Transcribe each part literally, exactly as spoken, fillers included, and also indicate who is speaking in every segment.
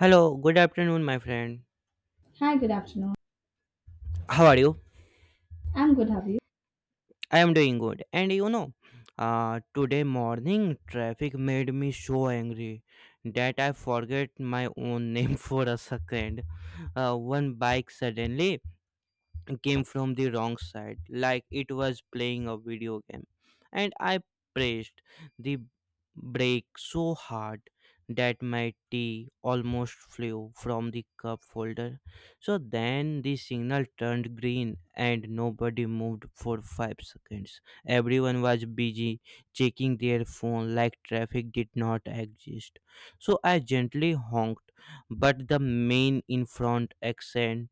Speaker 1: Hello, good afternoon, my friend.
Speaker 2: Hi, good afternoon.
Speaker 1: How are you?
Speaker 2: I'm good, have you?
Speaker 1: I am doing good. And you know, uh, today morning traffic made me so angry that I forget my own name for a second. Uh, one bike suddenly came from the wrong side, like it was playing a video game. And I pressed the brake so hard that my tea almost flew from the cup holder. So then the signal turned green and nobody moved for five seconds. Everyone was busy checking their phone like traffic did not exist. So I gently honked, but the man in front accent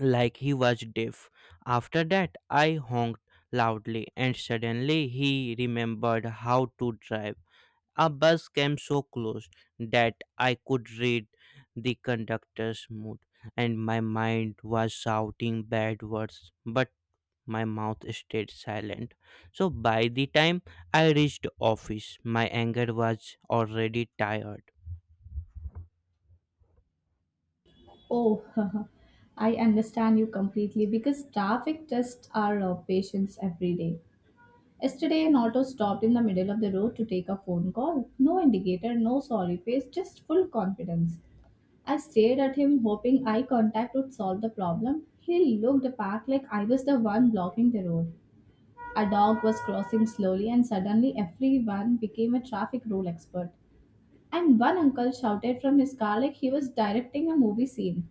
Speaker 1: like he was deaf. After that, I honked loudly, and suddenly he remembered how to drive. A bus came so close that I could read the conductor's mood, and my mind was shouting bad words, but my mouth stayed silent. So by the time I reached office, my anger was already tired.
Speaker 2: Oh, I understand you completely because traffic tests our uh, patience every day. Yesterday, an auto stopped in the middle of the road to take a phone call. No indicator, no sorry face, just full confidence. I stared at him, hoping eye contact would solve the problem. He looked back like I was the one blocking the road. A dog was crossing slowly, and suddenly everyone became a traffic rule expert. And one uncle shouted from his car like he was directing a movie scene.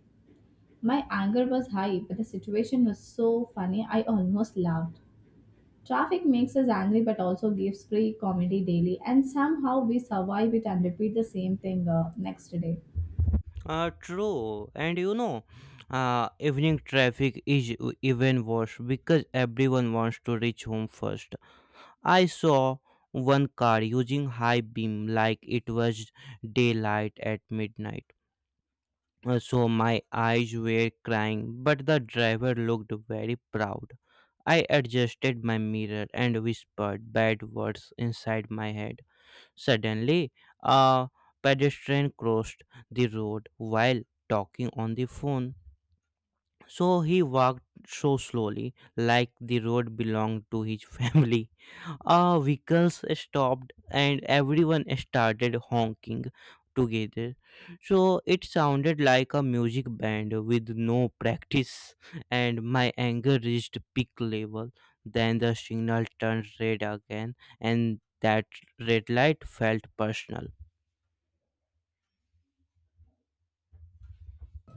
Speaker 2: My anger was high, but the situation was so funny I almost laughed. Traffic makes us angry but also gives free comedy daily, and somehow we survive it and repeat the same thing uh, next day.
Speaker 1: Uh, true, and you know, uh, evening traffic is w- even worse because everyone wants to reach home first. I saw one car using high beam like it was daylight at midnight. Uh, so my eyes were crying, but the driver looked very proud. I adjusted my mirror and whispered bad words inside my head. Suddenly, a pedestrian crossed the road while talking on the phone. So he walked so slowly, like the road belonged to his family. Ah, vehicles stopped and everyone started honking together. So it sounded like a music band with no practice, and my anger reached peak level. Then the signal turned red again, and that red light felt personal.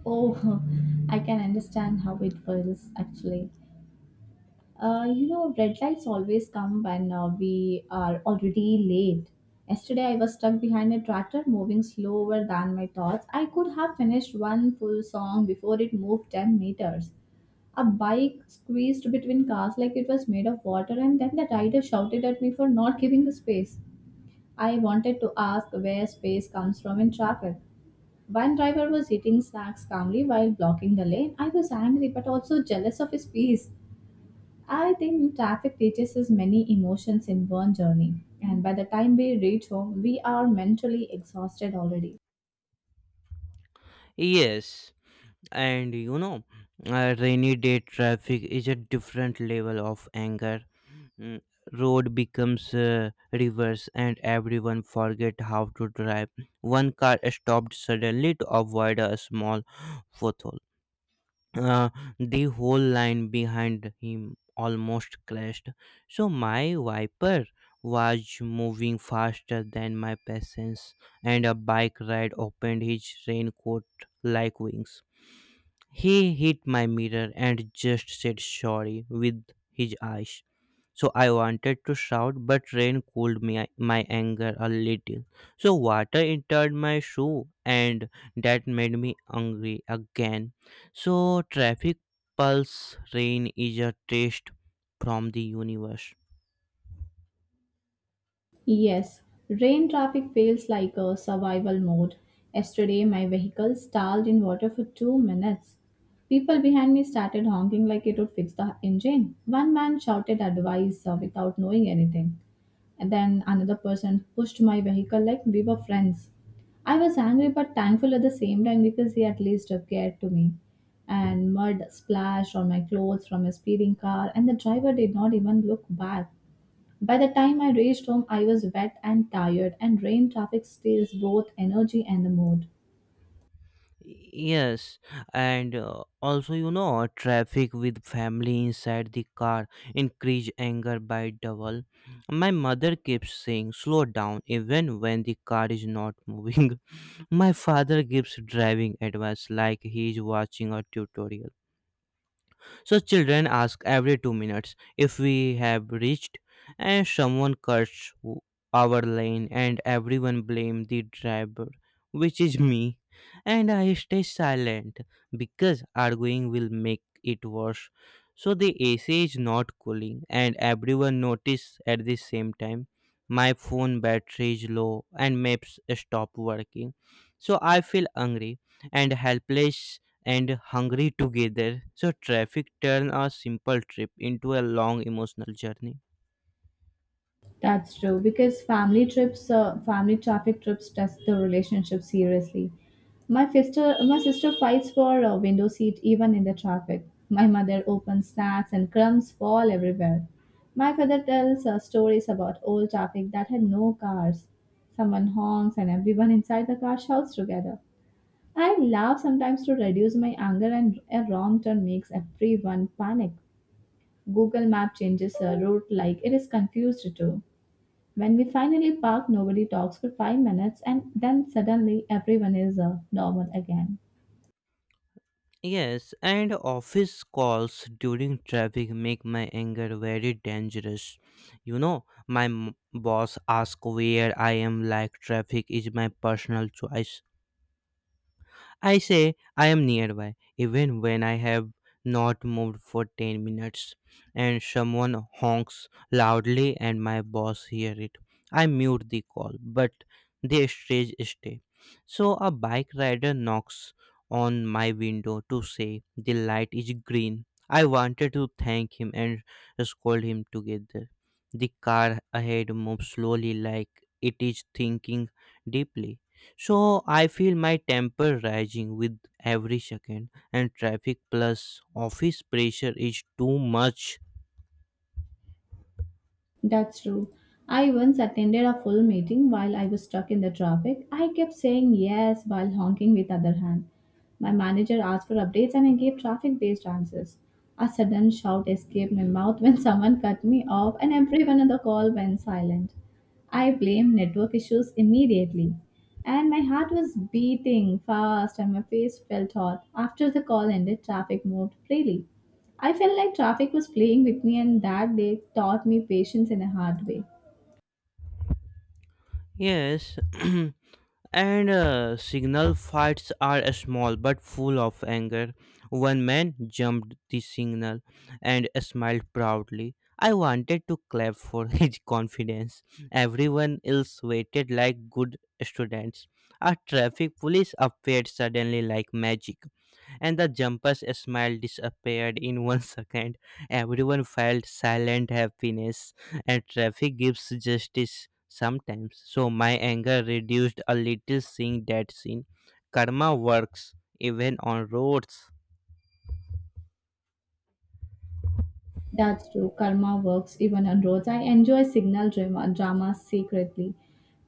Speaker 2: Oh, I can understand how it feels actually. Uh, you know, red lights always come when uh, we are already late. Yesterday, I was stuck behind a tractor moving slower than my thoughts. I could have finished one full song before it moved ten meters. A bike squeezed between cars like it was made of water, and then the rider shouted at me for not giving the space. I wanted to ask where space comes from in traffic. One driver was eating snacks calmly while blocking the lane. I was angry but also jealous of his peace. I think traffic teaches us many emotions in one journey, and by the time we reach home, we are mentally exhausted already.
Speaker 1: Yes, and you know, a rainy day traffic is a different level of anger. Mm, road becomes uh, reverse, and everyone forget how to drive. One car stopped suddenly to avoid a small pothole. Uh, the whole line behind him almost crashed. So my wiper was moving faster than my patience, and a bike ride opened his raincoat like wings. He hit my mirror and just said sorry with his eyes. So I wanted to shout, but rain cooled me, my anger a little. So water entered my shoe, and that made me angry again. So traffic pulse rain is a test from the universe.
Speaker 2: Yes, rain traffic feels like a survival mode. Yesterday, my vehicle stalled in water for two minutes. People behind me started honking like it would fix the engine. One man shouted advice uh, without knowing anything. And then another person pushed my vehicle like we were friends. I was angry but thankful at the same time because he at least uh, cared to me. And mud splashed on my clothes from a speeding car, and the driver did not even look back. By the time I reached home, I was wet and tired, and rain traffic steals both energy and the mood.
Speaker 1: Yes, and uh, also you know traffic with family inside the car increase anger by double. My mother keeps saying slow down even when the car is not moving. My father gives driving advice like he is watching a tutorial. So children ask every two minutes if we have reached, and someone cursed w- our lane, and everyone blamed the driver, which is me. And I stay silent because arguing will make it worse. So the A C is not cooling, and everyone notice at the same time. My phone battery is low and maps stop working. So I feel angry and helpless and hungry together. So traffic turn a simple trip into a long emotional journey.
Speaker 2: That's true because family trips, uh, family traffic trips test the relationship seriously. My sister, my sister fights for a window seat even in the traffic. My mother opens snacks and crumbs fall everywhere. My father tells uh, stories about old traffic that had no cars. Someone honks and everyone inside the car shouts together. I laugh sometimes to reduce my anger, and a wrong turn makes everyone panic. Google Map changes a route like it is confused too. When we finally park, nobody talks for five minutes, and then suddenly everyone is uh, normal again.
Speaker 1: Yes, and office calls during traffic make my anger very dangerous. You know, my m- boss asks where I am like traffic is my personal choice. I say I am nearby, even when I have not moved for ten minutes, and someone honks loudly, and my boss hears it. I mute the call, but they strange stay. So a bike rider knocks on my window to say the light is green. I wanted to thank him and scold him together. The car ahead moves slowly like it is thinking deeply. So I feel my temper rising with every second, and traffic plus office pressure is too much.
Speaker 2: That's true. I once attended a full meeting while I was stuck in the traffic. I kept saying yes while honking with other hand. My manager asked for updates and I gave traffic-based answers. A sudden shout escaped my mouth when someone cut me off and everyone on the call went silent. I blamed network issues immediately. And my heart was beating fast and my face felt hot. After the call ended, traffic moved freely. I felt like traffic was playing with me and that day taught me patience in a hard way.
Speaker 1: Yes, and uh, signal fights are small but full of anger. One man jumped the signal and smiled proudly. I wanted to clap for his confidence. Everyone else waited like good students. A traffic police appeared suddenly like magic, and the jumper's smile disappeared in one second. Everyone felt silent happiness, and traffic gives justice sometimes. So my anger reduced a little seeing that scene. Karma works even on roads.
Speaker 2: That's true. Karma works even on roads. I enjoy signal drama, drama secretly.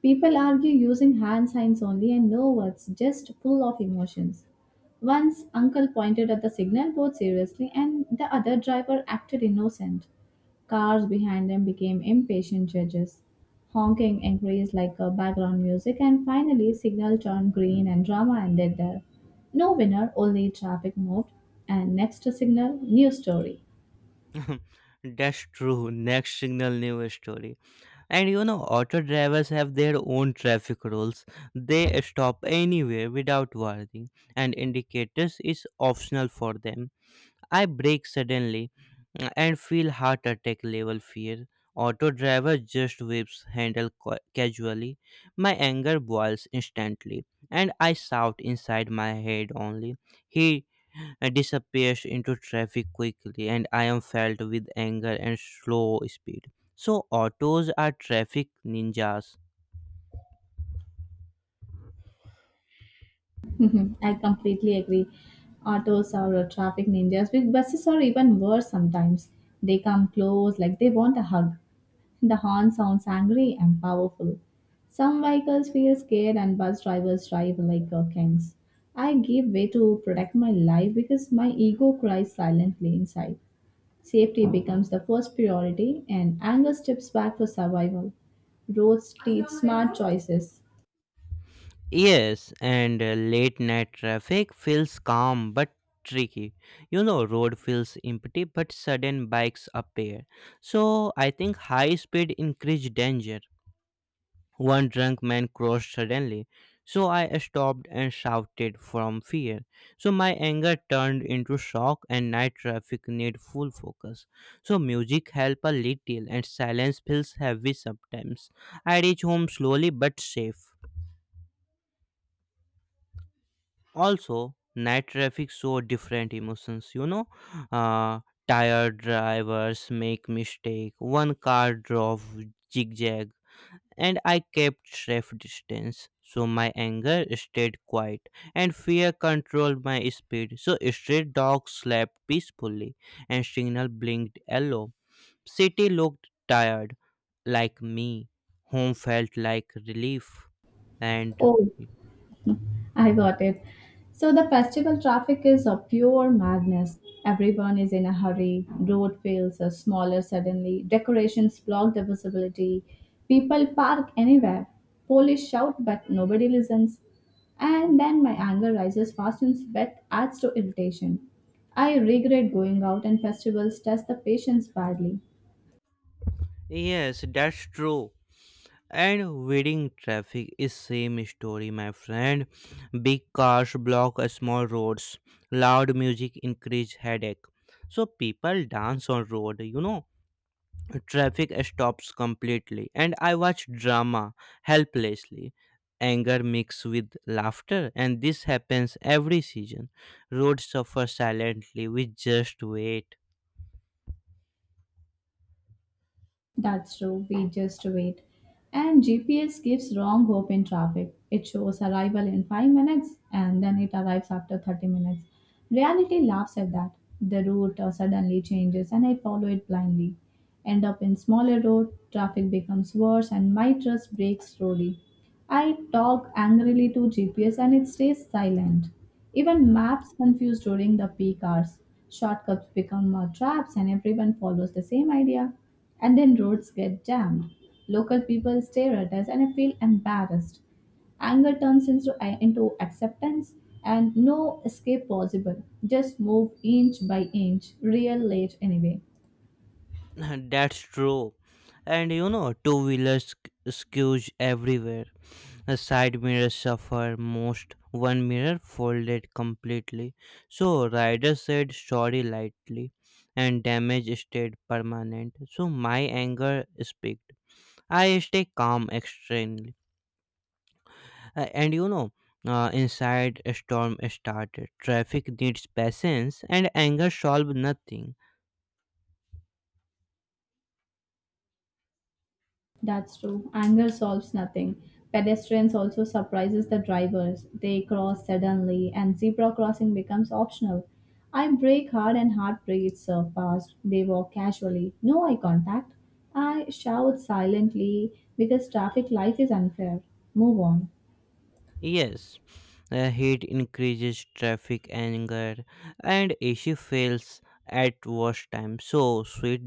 Speaker 2: People argue using hand signs only and no words, just full of emotions. Once uncle pointed at the signal board seriously and the other driver acted innocent. Cars behind them became impatient judges. Honking increased like a background music and finally signal turned green and drama ended there. No winner, only traffic moved and next signal, new story.
Speaker 1: That's true. Next signal news story. And you know, auto drivers have their own traffic rules. They stop anywhere without warning, and indicators is optional for them. I brake suddenly and feel heart attack level fear. Auto driver just whips handle ca- casually. My anger boils instantly, and I shout inside my head only. He uh, disappears into traffic quickly, and I am filled with anger and slow speed. So autos are traffic ninjas.
Speaker 2: Mhm. I completely agree. Autos or uh, traffic ninjas with buses are even worse sometimes. They come close like they want a hug. The horn sounds angry and powerful. Some vehicles feel scared and bus drivers drive like uh, kings. I give way to protect my life because my ego cries silently inside. Safety becomes the first priority and anger steps back for survival. Roads teach smart choices.
Speaker 1: Yes, and uh, late night traffic feels calm but tricky. You know, road feels empty but sudden bikes appear. So I think high speed increased danger. One drunk man crossed suddenly. So I stopped and shouted from fear. So my anger turned into shock and night traffic need full focus. So music help a little and silence feels heavy sometimes. I reach home slowly but safe. Also night traffic show different emotions, you know, uh, tired drivers make mistake. One car drove zigzag, and I kept safe distance. So my anger stayed quiet and fear controlled my speed. So stray dogs slept peacefully and signal blinked yellow. City looked tired like me. Home felt like relief, and
Speaker 2: Oh, I got it. So the festival traffic is a pure madness. Everyone is in a hurry. Road feels uh, smaller suddenly. Decorations block the visibility. People park anywhere. Police shout, but nobody listens. And then my anger rises fast and that adds to irritation. I regret going out and festivals test the patience badly.
Speaker 1: yes, that's true. And wedding traffic is same story, my friend. Big cars block small roads. Loud music increase headache. So people dance on road, you know. Traffic stops completely and I watch drama helplessly. Anger mixed with laughter and this happens every season. Roads suffer silently, we just wait.
Speaker 2: That's true, we just wait. And G P S gives wrong hope in traffic. It shows arrival in five minutes and then it arrives after thirty minutes. Reality laughs at that. The route uh, suddenly changes and I follow it blindly. End up in smaller road, traffic becomes worse and my trust breaks slowly. I talk angrily to G P S and it stays silent. Even maps confuse during the peak hours. Shortcuts become uh, traps and everyone follows the same idea. And then roads get jammed. Local people stare at us, and I feel embarrassed. Anger turns into, uh, into acceptance, and no escape possible. Just move inch by inch, real late anyway.
Speaker 1: That's true. And you know, two wheelers skews everywhere. The side mirrors suffer most, one mirror folded completely. So rider said sorry lightly and damage stayed permanent. So my anger speaked. I stay calm extremely. Uh, and you know, uh, inside a storm started. Traffic needs patience and anger solve nothing.
Speaker 2: That's true. Anger solves nothing. Pedestrians also surprises the drivers. They cross suddenly and zebra crossing becomes optional. I brake hard and hard breathes uh, fast. They walk casually. No eye contact. I shout silently because traffic life is unfair. Move on.
Speaker 1: Yes, uh, heat increases traffic anger, and A C fails at worst time. So sweat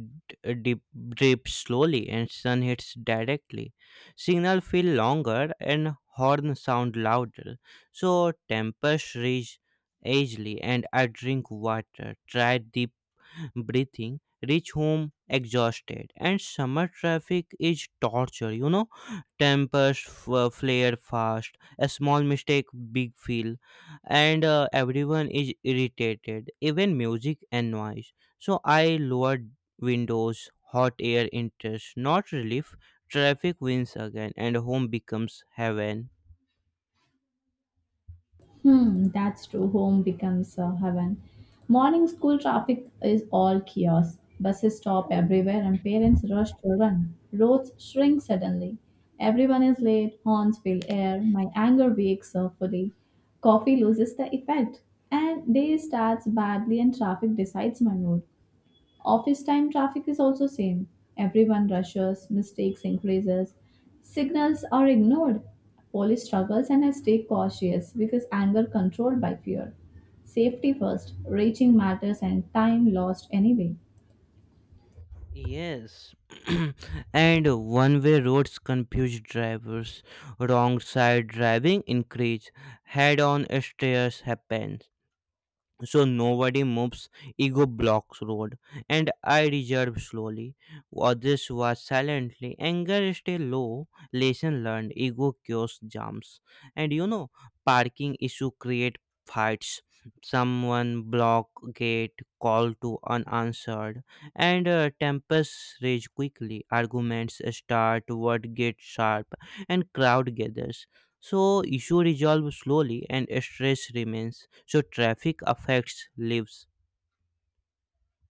Speaker 1: dip, drips slowly, and sun hits directly. Signal feel longer, and horn sound louder. So tempers reach easily, and I drink water. Try deep breathing, reach home exhausted, and summer traffic is torture, you know. Tempers f- uh, flare fast, a small mistake, big feel, and uh, everyone is irritated, even music and noise. So I lowered windows, hot air enters, not relief. Traffic wins again, and home becomes heaven.
Speaker 2: Hmm, that's true. Home becomes uh, heaven. Morning school traffic is all chaos. Buses stop everywhere and parents rush to run. Roads shrink suddenly. Everyone is late, horns fill air, my anger wakes up fully. Coffee loses the effect, and day starts badly and traffic decides my mood. Office time traffic is also same. Everyone rushes, mistakes increases, signals are ignored. Police struggles and I stay cautious because anger controlled by fear. Safety first, reaching matters and time lost anyway.
Speaker 1: Yes, and one way roads confuse drivers. Wrong side driving increase. Head on stairs happen, so nobody moves. Ego blocks road, and I reserve slowly. Others was silently, anger stay low. Lesson learned, ego cures jumps. And you know, parking issue create fights. Someone block gate, call to unanswered, and uh, tempers rage quickly. Arguments start, word gets sharp, and crowd gathers. So issue resolve slowly and stress remains. So traffic affects lives.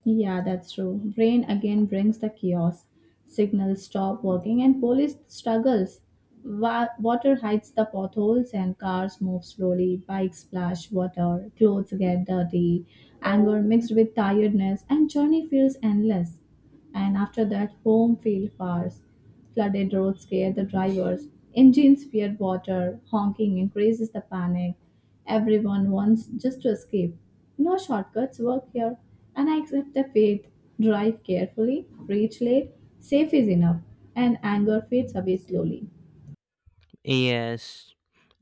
Speaker 2: Yeah, that's true. Brain again brings the chaos. Signals stop working and police struggles. Wa- water hides the potholes and cars move slowly. Bikes splash water. Clothes get dirty. Anger mixed with tiredness and journey feels endless. And after that, home feels far. Flooded roads scare the drivers. Engines fear water. Honking increases the panic. Everyone wants just to escape. No shortcuts work here. And I accept the fate. Drive carefully. Reach late. Safe is enough. And anger fades away slowly.
Speaker 1: Yes,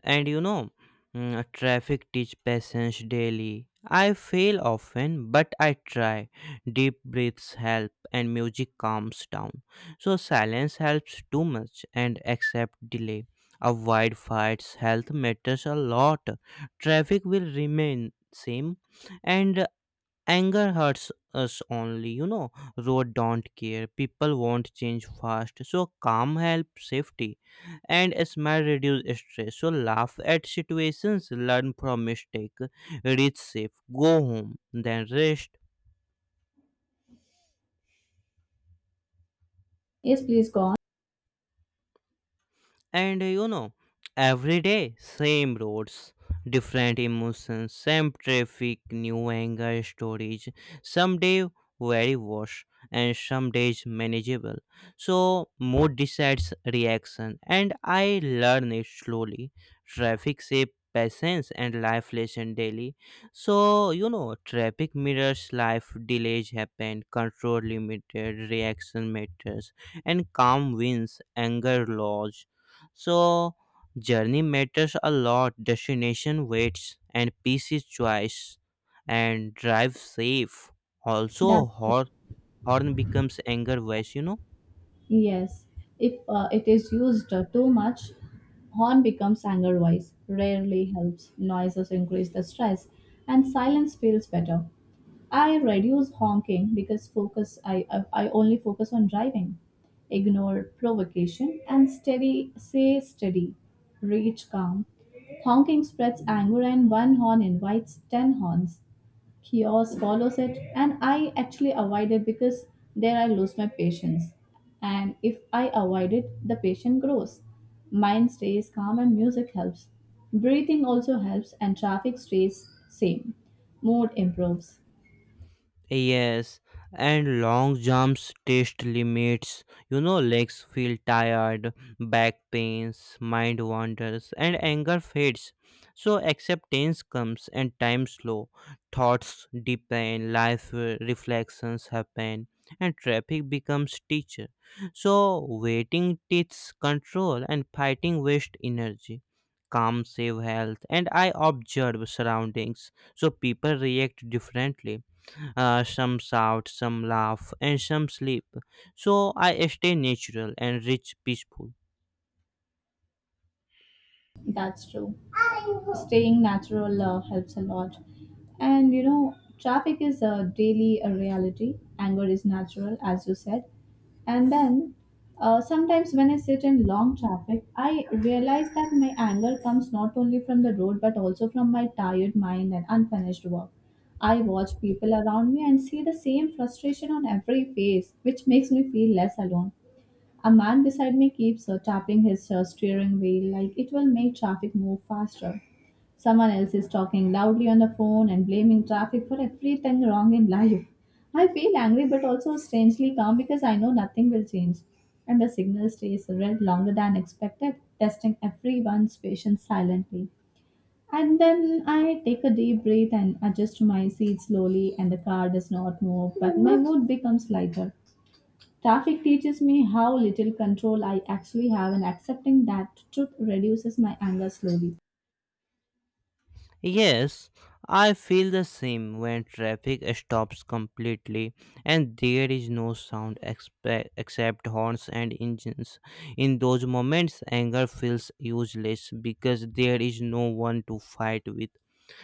Speaker 1: and you know, mm, traffic teach patience daily. I fail often, but I try. Deep breaths help, and music calms down. So silence helps too much, and accept delay. Avoid fights. Health matters a lot. Traffic will remain same, and anger hurts us only, you know. Road don't care. People want change fast. So calm helps safety. And a smile reduce stress. So laugh at situations, learn from mistake, reach safe, go home, then rest.
Speaker 2: Yes, please go on.
Speaker 1: And uh, you know, every day same roads, different emotions, same traffic, new anger stories. Some day very worse and some days manageable. So mood decides reaction and I learn it slowly. Traffic shape patience and life lesson daily. So you know traffic mirrors life, delays happen, control limited, reaction matters, and calm wins, anger loss. So, journey matters a lot, destination waits, and peace is choice, and drive safe. Also,
Speaker 2: That's true.
Speaker 1: hor- horn becomes anger voice, you know.
Speaker 2: Yes. If uh, it is used uh, too much, horn becomes anger voice, rarely helps. Noises increase the stress, and silence feels better. I reduce honking because focus I, I I only focus on driving. Ignore provocation and steady say steady. Reach calm. Honking spreads anger and one horn invites ten horns. Chaos follows it and I actually avoid it because there I lose my patience. And if I avoid it, the patient grows. Mind stays calm and music helps. Breathing also helps and traffic stays same. Mood improves.
Speaker 1: Yes, and long jumps test limits. You know, legs feel tired, back pains, mind wanders, and anger fades. So acceptance comes and time slow. Thoughts deepen, life uh, reflections happen, and traffic becomes teacher. So waiting teaches control and fighting waste energy. Calm save health, and I observe surroundings. So people react differently, uh, some shout, some laugh, and some sleep. So I stay natural and rich, peaceful.
Speaker 2: That's true. Staying natural uh, helps a lot. And you know, traffic is a daily a reality. Anger is natural, as you said. And then uh, sometimes when I sit in long traffic, I realize that my anger comes not only from the road but also from my tired mind and unfinished work. I watch people around me and see the same frustration on every face, which makes me feel less alone. A man beside me keeps uh, tapping his uh, steering wheel like it will make traffic move faster. Someone else is talking loudly on the phone and blaming traffic for everything wrong in life. I feel angry but also strangely calm because I know nothing will change. And the signal stays red longer than expected, testing everyone's patience silently. And then I take a deep breath and adjust to my seat slowly, and the car does not move, but my mood becomes lighter. Traffic teaches me how little control I actually have, and accepting that truth reduces my anger slowly.
Speaker 1: Yes, I feel the same when traffic stops completely and there is no sound expe- except horns and engines. In those moments, anger feels useless because there is no one to fight with.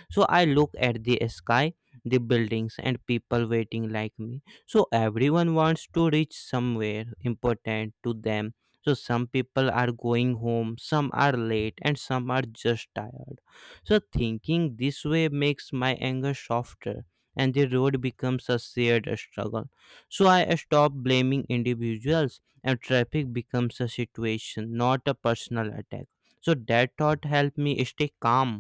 Speaker 1: So I look at the sky, the buildings and people waiting like me. So everyone wants to reach somewhere important to them. So some people are going home, some are late, and some are just tired. So thinking this way makes my anger softer, and the road becomes a shared struggle. So I stop blaming individuals and traffic becomes a situation, not a personal attack. So that thought helped me stay calm.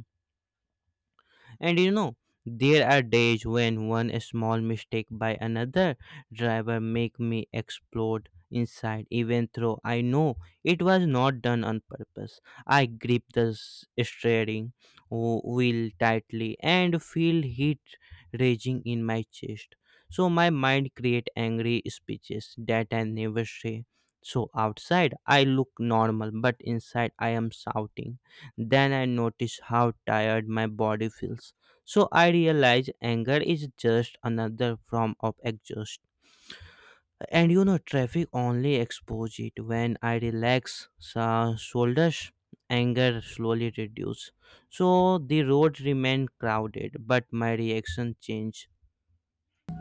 Speaker 1: And you know, there are days when one small mistake by another driver make me explode inside even though I know it was not done on purpose. I grip the s- steering w- wheel tightly and feel heat raging in my chest. So my mind create angry speeches that I never say. So outside I look normal but inside I am shouting, then I notice how tired my body feels. So I realize anger is just another form of exhaust. And you know, traffic only expose it when I relax so shoulders. Anger slowly reduce, so the road remain crowded, but my reaction change.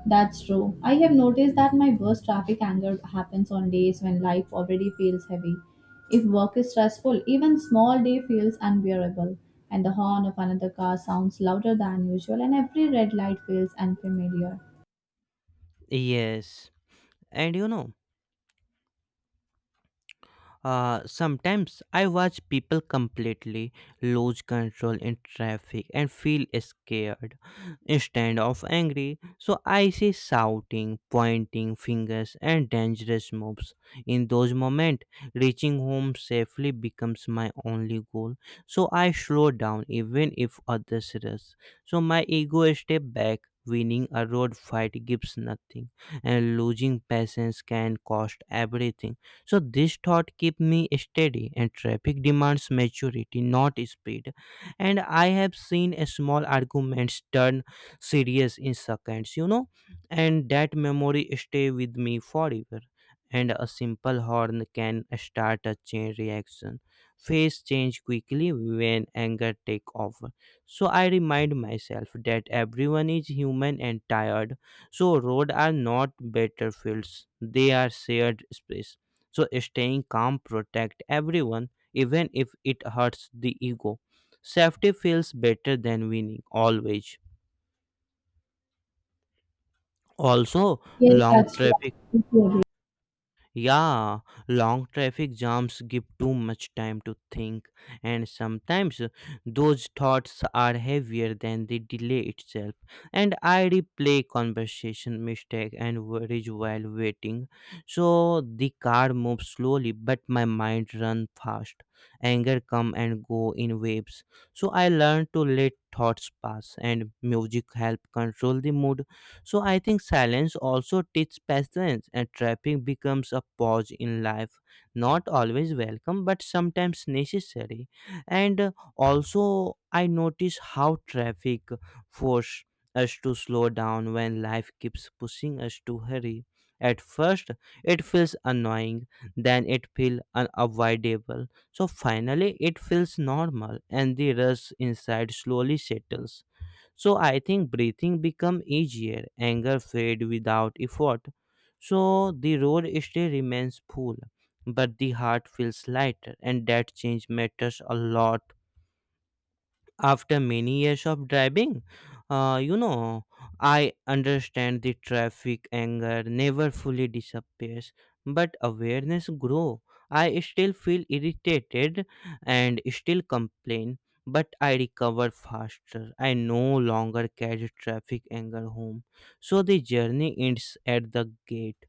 Speaker 2: That's true. I have noticed that my worst traffic anger happens on days when life already feels heavy. If work is stressful, even small day feels unbearable, and the horn of another car sounds louder than usual, and every red light feels unfamiliar.
Speaker 1: Yes. And you know. Uh, sometimes I watch people completely lose control in traffic and feel scared instead of angry. So I see shouting, pointing fingers, and dangerous moves. In those moments, reaching home safely becomes my only goal. So I slow down even if others rush. So my ego step back. Winning a road fight gives nothing, and losing patience can cost everything. So this thought keep me steady, and traffic demands maturity, not speed. And I have seen a small arguments turn serious in seconds, you know, and that memory stay with me forever. And a simple horn can start a chain reaction. Face change quickly when anger take over. So I remind myself that everyone is human and tired. So roads are not battlefields; they are shared space. So staying calm protect everyone, even if it hurts the ego. Safety feels better than winning always. Also,
Speaker 2: Yes,
Speaker 1: long
Speaker 2: that's true. I
Speaker 1: traffic
Speaker 2: completely
Speaker 1: yeah, long traffic jams give too much time to think, and sometimes those thoughts are heavier than the delay itself. And I replay conversation mistake and worries while waiting. So the car moves slowly, but my mind runs fast. Anger come and go in waves. So I learn to let thoughts pass, and music help control the mood. So I think silence also teaches patience, and trapping becomes a pause in life, not always welcome, but sometimes necessary. And uh, also, I notice how traffic force us to slow down when life keeps pushing us to hurry. At first, it feels annoying, then it feels unavoidable. So finally, it feels normal, and the rush inside slowly settles. So I think breathing become easier, anger fade without effort. So the road still remains full, but the heart feels lighter, and that change matters a lot. After many years of driving, uh, you know I understand the traffic anger never fully disappears, but awareness grow. I still feel irritated and still complain, but I recover faster. I no longer carry traffic anger home. So the journey ends at the gate,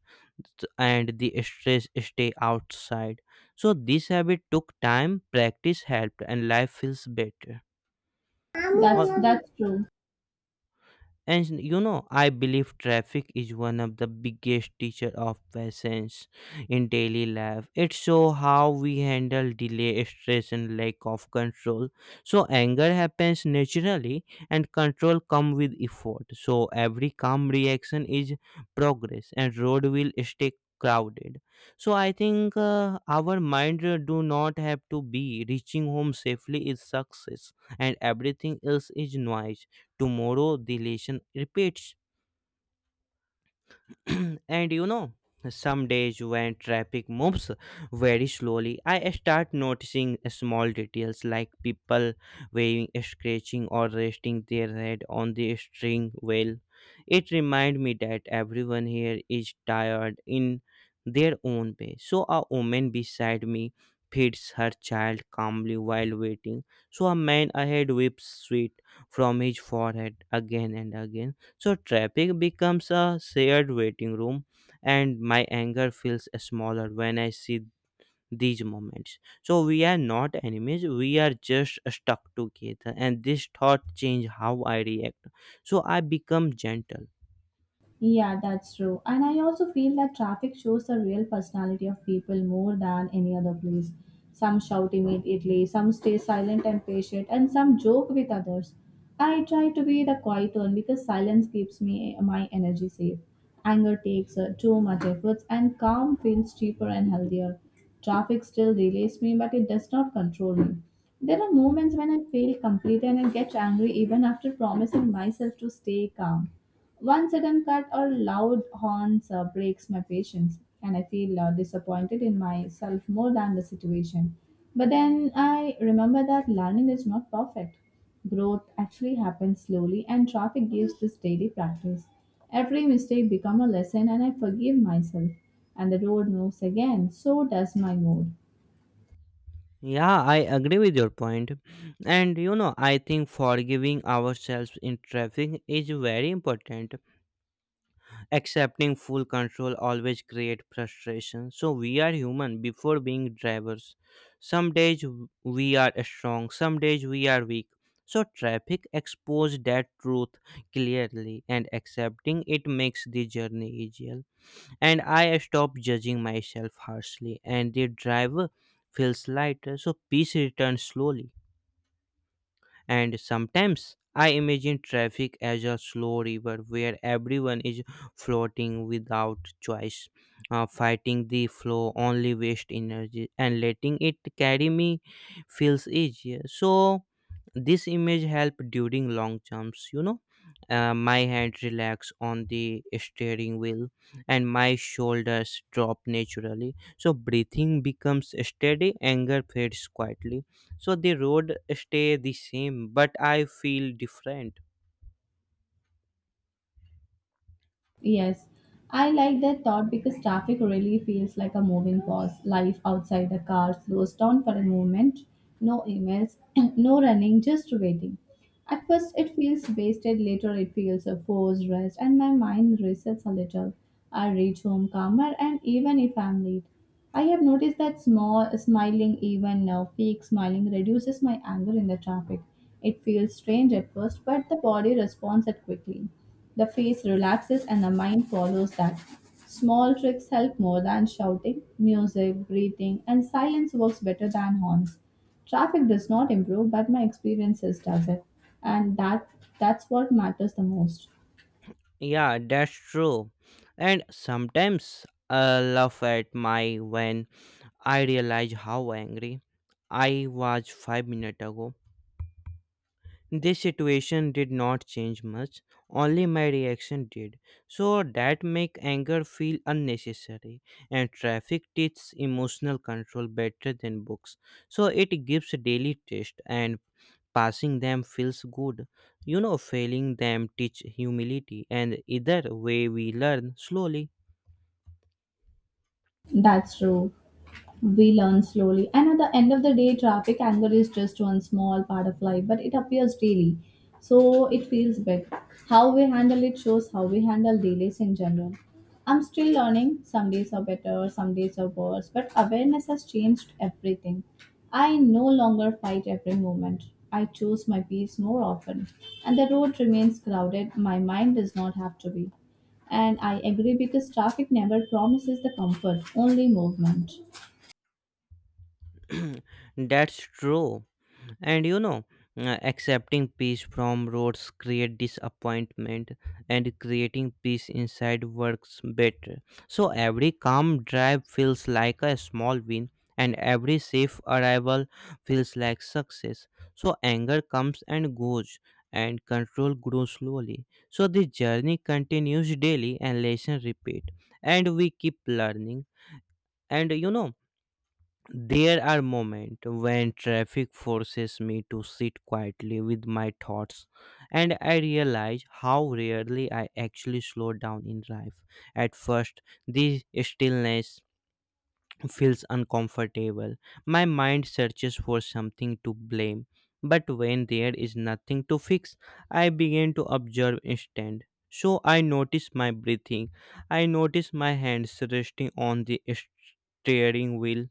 Speaker 1: th- and the stress stay outside. So this habit took time, practice helped, and life feels better.
Speaker 2: agree. That's
Speaker 1: Or,
Speaker 2: that's true.
Speaker 1: and you know, I believe traffic is one of the biggest teacher of patience in daily life. It show how we handle delay, stress, and lack of control. So anger happens naturally, and control come with effort. So every calm reaction is progress, and road will stay crowded. So I think uh, our mind uh, do not have to be reaching home safely is success, and everything else is noise. Tomorrow the lesson repeats. and you know, some days when traffic moves very slowly, I start noticing small details like people waving, scratching, or resting their head on the steering wheel. It reminds me that everyone here is tired in their own way. So a woman beside me feeds her child calmly while waiting. So a man ahead whips sweat from his forehead again and again. So traffic becomes a shared waiting room, and my anger feels smaller when I see these moments. So we are not enemies, we are just stuck together, and this thought change how I react. So I become gentle.
Speaker 2: Yeah, that's true. And I also feel that traffic shows the real personality of people more than any other place. Some shout immediately, some stay silent and patient, and some joke with others. I try to be the quiet one because silence keeps me my energy safe. Anger takes uh, too much efforts, and calm feels cheaper and healthier. Traffic still delays me, but it does not control me. There are moments when I feel completely and I get angry even after promising myself to stay calm. One sudden cut or loud horns uh, breaks my patience, and I feel uh, disappointed in myself more than the situation. But then I remember that learning is not perfect. Growth actually happens slowly, and traffic gives this daily practice. Every mistake becomes a lesson, and I forgive myself. And the road moves again, so does my mood.
Speaker 1: Yeah, I agree with your point. And you know, I think forgiving ourselves in traffic is very important. Accepting full control always create frustration, so we are human before being drivers. Some days w- we are strong, some days we are weak, so traffic exposed that truth clearly, and accepting it makes the journey easier. And I stop judging myself harshly, and the driver feels lighter, so peace returns slowly. And sometimes I imagine traffic as a slow river where everyone is floating without choice, uh, fighting the flow, only waste energy, and letting it carry me feels easier. So, this image help during long jumps, you know. Uh, my hand relax on the steering wheel, and my shoulders drop naturally, so breathing becomes steady, anger fades quietly. So the road stay the same, but I feel different.
Speaker 2: Yes, I like that thought because traffic really feels like a moving pause. Life outside the car slows down for a moment. No emails, no running, just waiting. At first, it feels wasted, later, it feels a forced rest, and my mind resets a little. I reach home calmer, and even if I'm late, I have noticed that small smiling, even now, fake smiling, reduces my anger in the traffic. It feels strange at first, but the body responds it quickly. The face relaxes and the mind follows that. Small tricks help more than shouting. Music, breathing, and silence works better than horns. Traffic does not improve, but my experiences does it. And that that's what matters the most.
Speaker 1: Yeah, that's true. And sometimes I laugh at my when I realize how angry I was five minutes ago. This situation did not change much, only my reaction did. So that make anger feel unnecessary, and traffic teaches emotional control better than books. So it gives daily test, and passing them feels good. You know, failing them teach humility, and either way we learn slowly.
Speaker 2: That's true. We learn slowly. And at the end of the day, traffic anger is just one small part of life, but it appears daily. So it feels big. How we handle it shows how we handle delays in general. I'm still learning. Some days are better, some days are worse, but awareness has changed everything. I no longer fight every moment. I choose my peace more often. And the road remains crowded. My mind does not have to be. And I agree because traffic never promises the comfort, only movement.
Speaker 1: That's true. And you know uh, Accepting peace from roads create disappointment, and creating peace inside works better. So every calm drive feels like a small win, and every safe arrival feels like success. So anger comes and goes, and control grows slowly. So the journey continues daily and lesson repeat, and we keep learning. And you know there are moments when traffic forces me to sit quietly with my thoughts, and I realize how rarely I actually slow down in life. At first, this stillness feels uncomfortable. My mind searches for something to blame, but when there is nothing to fix, I begin to observe instead. So I notice my breathing, I notice my hands resting on the steering wheel,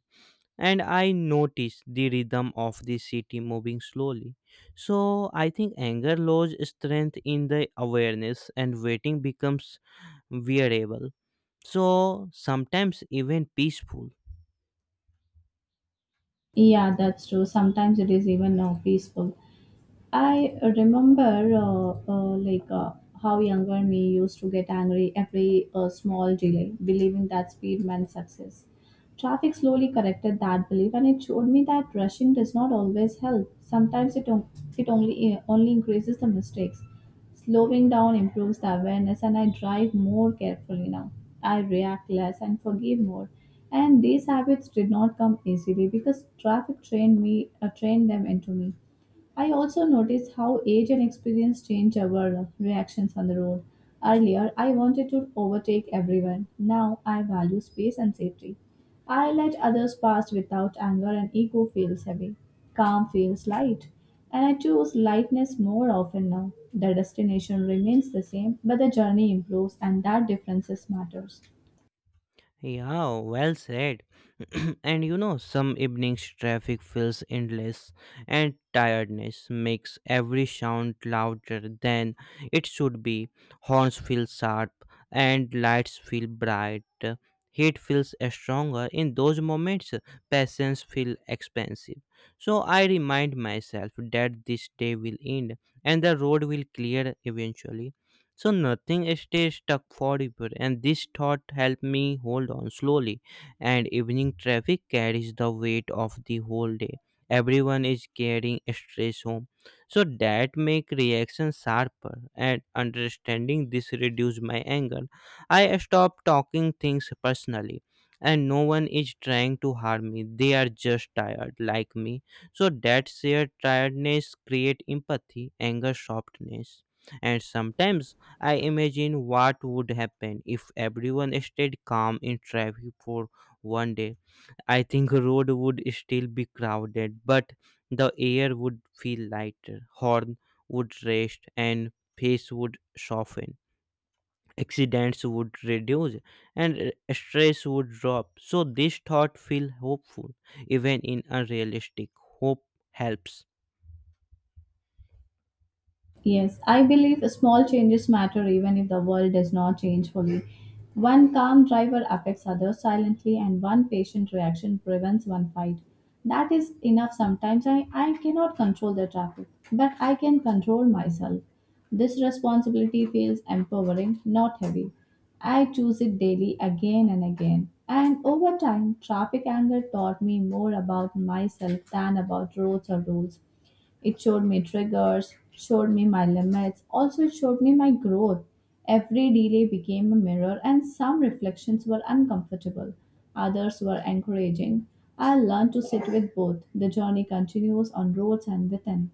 Speaker 1: and I notice the rhythm of the city moving slowly. So I think anger loses strength in the awareness, and waiting becomes wearable. So sometimes even peaceful.
Speaker 2: Yeah, that's true. Sometimes it is even now peaceful. I remember, uh, uh, like, uh, how younger me used to get angry every uh, small delay, believing that speed meant success. Traffic slowly corrected that belief, and it showed me that rushing does not always help. Sometimes it on- it only uh, only increases the mistakes. Slowing down improves the awareness, and I drive more carefully now. I react less and forgive more. And these habits did not come easily because traffic trained me, uh, trained them into me. I also notice how age and experience change our reactions on the road. Earlier, I wanted to overtake everyone. Now, I value space and safety. I let others pass without anger, and ego feels heavy. Calm feels light. And I choose lightness more often now. The destination remains the same, but the journey improves, and that differences matters.
Speaker 1: Yeah, well said. and you know, some evenings traffic feels endless, and tiredness makes every sound louder than it should be. Horns feel sharp, and lights feel bright. Heat feels stronger. In those moments, patience feels expensive. So I remind myself that this day will end, and the road will clear eventually. So nothing stays stuck forever, and this thought helped me hold on slowly. And evening traffic carries the weight of the whole day. Everyone is carrying stress home, so that make reaction sharper. And understanding this reduced my anger. I stop talking things personally, and no one is trying to harm me. They are just tired, like me. So that shared tiredness create empathy, anger softness, and sometimes I imagine what would happen if everyone stayed calm in traffic for one day. I think road would still be crowded, but the air would feel lighter, horn would rest, and pace would soften. Accidents would reduce, and uh, stress would drop. So this thought feel hopeful, even in unrealistic. Hope helps.
Speaker 2: Yes, I believe small changes matter even if the world does not change fully. One calm driver affects others silently, and one patient reaction prevents one fight. That is enough sometimes. I, I cannot control the traffic, but I can control myself. This responsibility feels empowering, not heavy. I choose it daily again and again. And over time, traffic anger taught me more about myself than about roads or rules. It showed me triggers, showed me my limits, also it showed me my growth. Every delay became a mirror, and some reflections were uncomfortable, others were encouraging. I learned to sit with both. The journey continues on roads and within.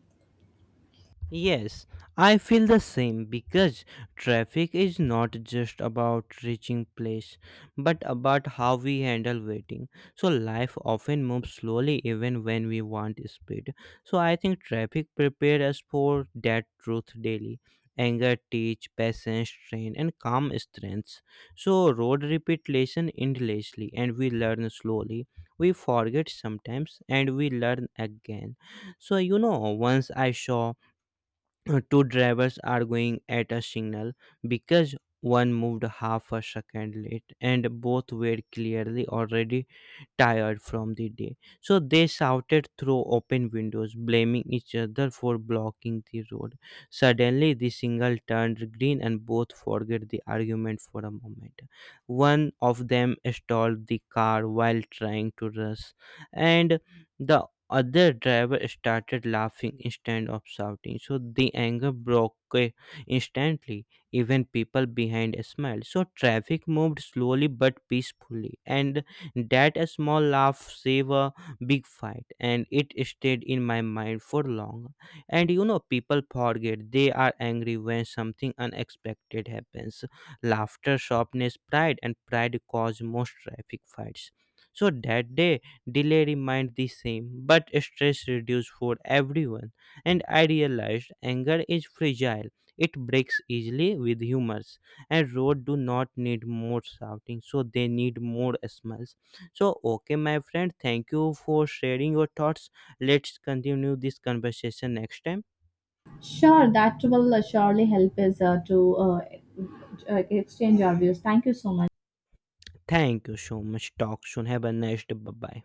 Speaker 1: Yes, I feel the same because traffic is not just about reaching place but about how we handle waiting. So life often moves slowly even when we want speed. So I think traffic prepares us for that truth daily. Anger teach patience train and calm strengths. So road repeat lesson endlessly, and we learn slowly. We forget sometimes, and we learn again. So you know once I saw uh, two drivers arguing at a signal because one moved half a second late, and both were clearly already tired from the day. So they shouted through open windows, blaming each other for blocking the road. Suddenly, the signal turned green and both forget the argument for a moment. One of them stalled the car while trying to rush, and the other driver started laughing instead of shouting. So the anger broke eh, instantly. Even people behind smiled. So traffic moved slowly but peacefully, and that small laugh saved a big fight, and it stayed in my mind for long. And you know, people forget they are angry when something unexpected happens. Laughter sharpness pride, and pride cause most traffic fights. So that day, delay remained the same, but stress reduced for everyone. And I realized anger is fragile; it breaks easily with humors, and road do not need more shouting, so they need more smiles. So, okay, my friend, thank you for sharing your thoughts. Let's continue this conversation next time.
Speaker 2: Sure, that will uh, surely help us uh, to uh, uh, exchange our views. Thank you so much.
Speaker 1: Thank you so much. Talk soon. Have a nice day. Bye bye.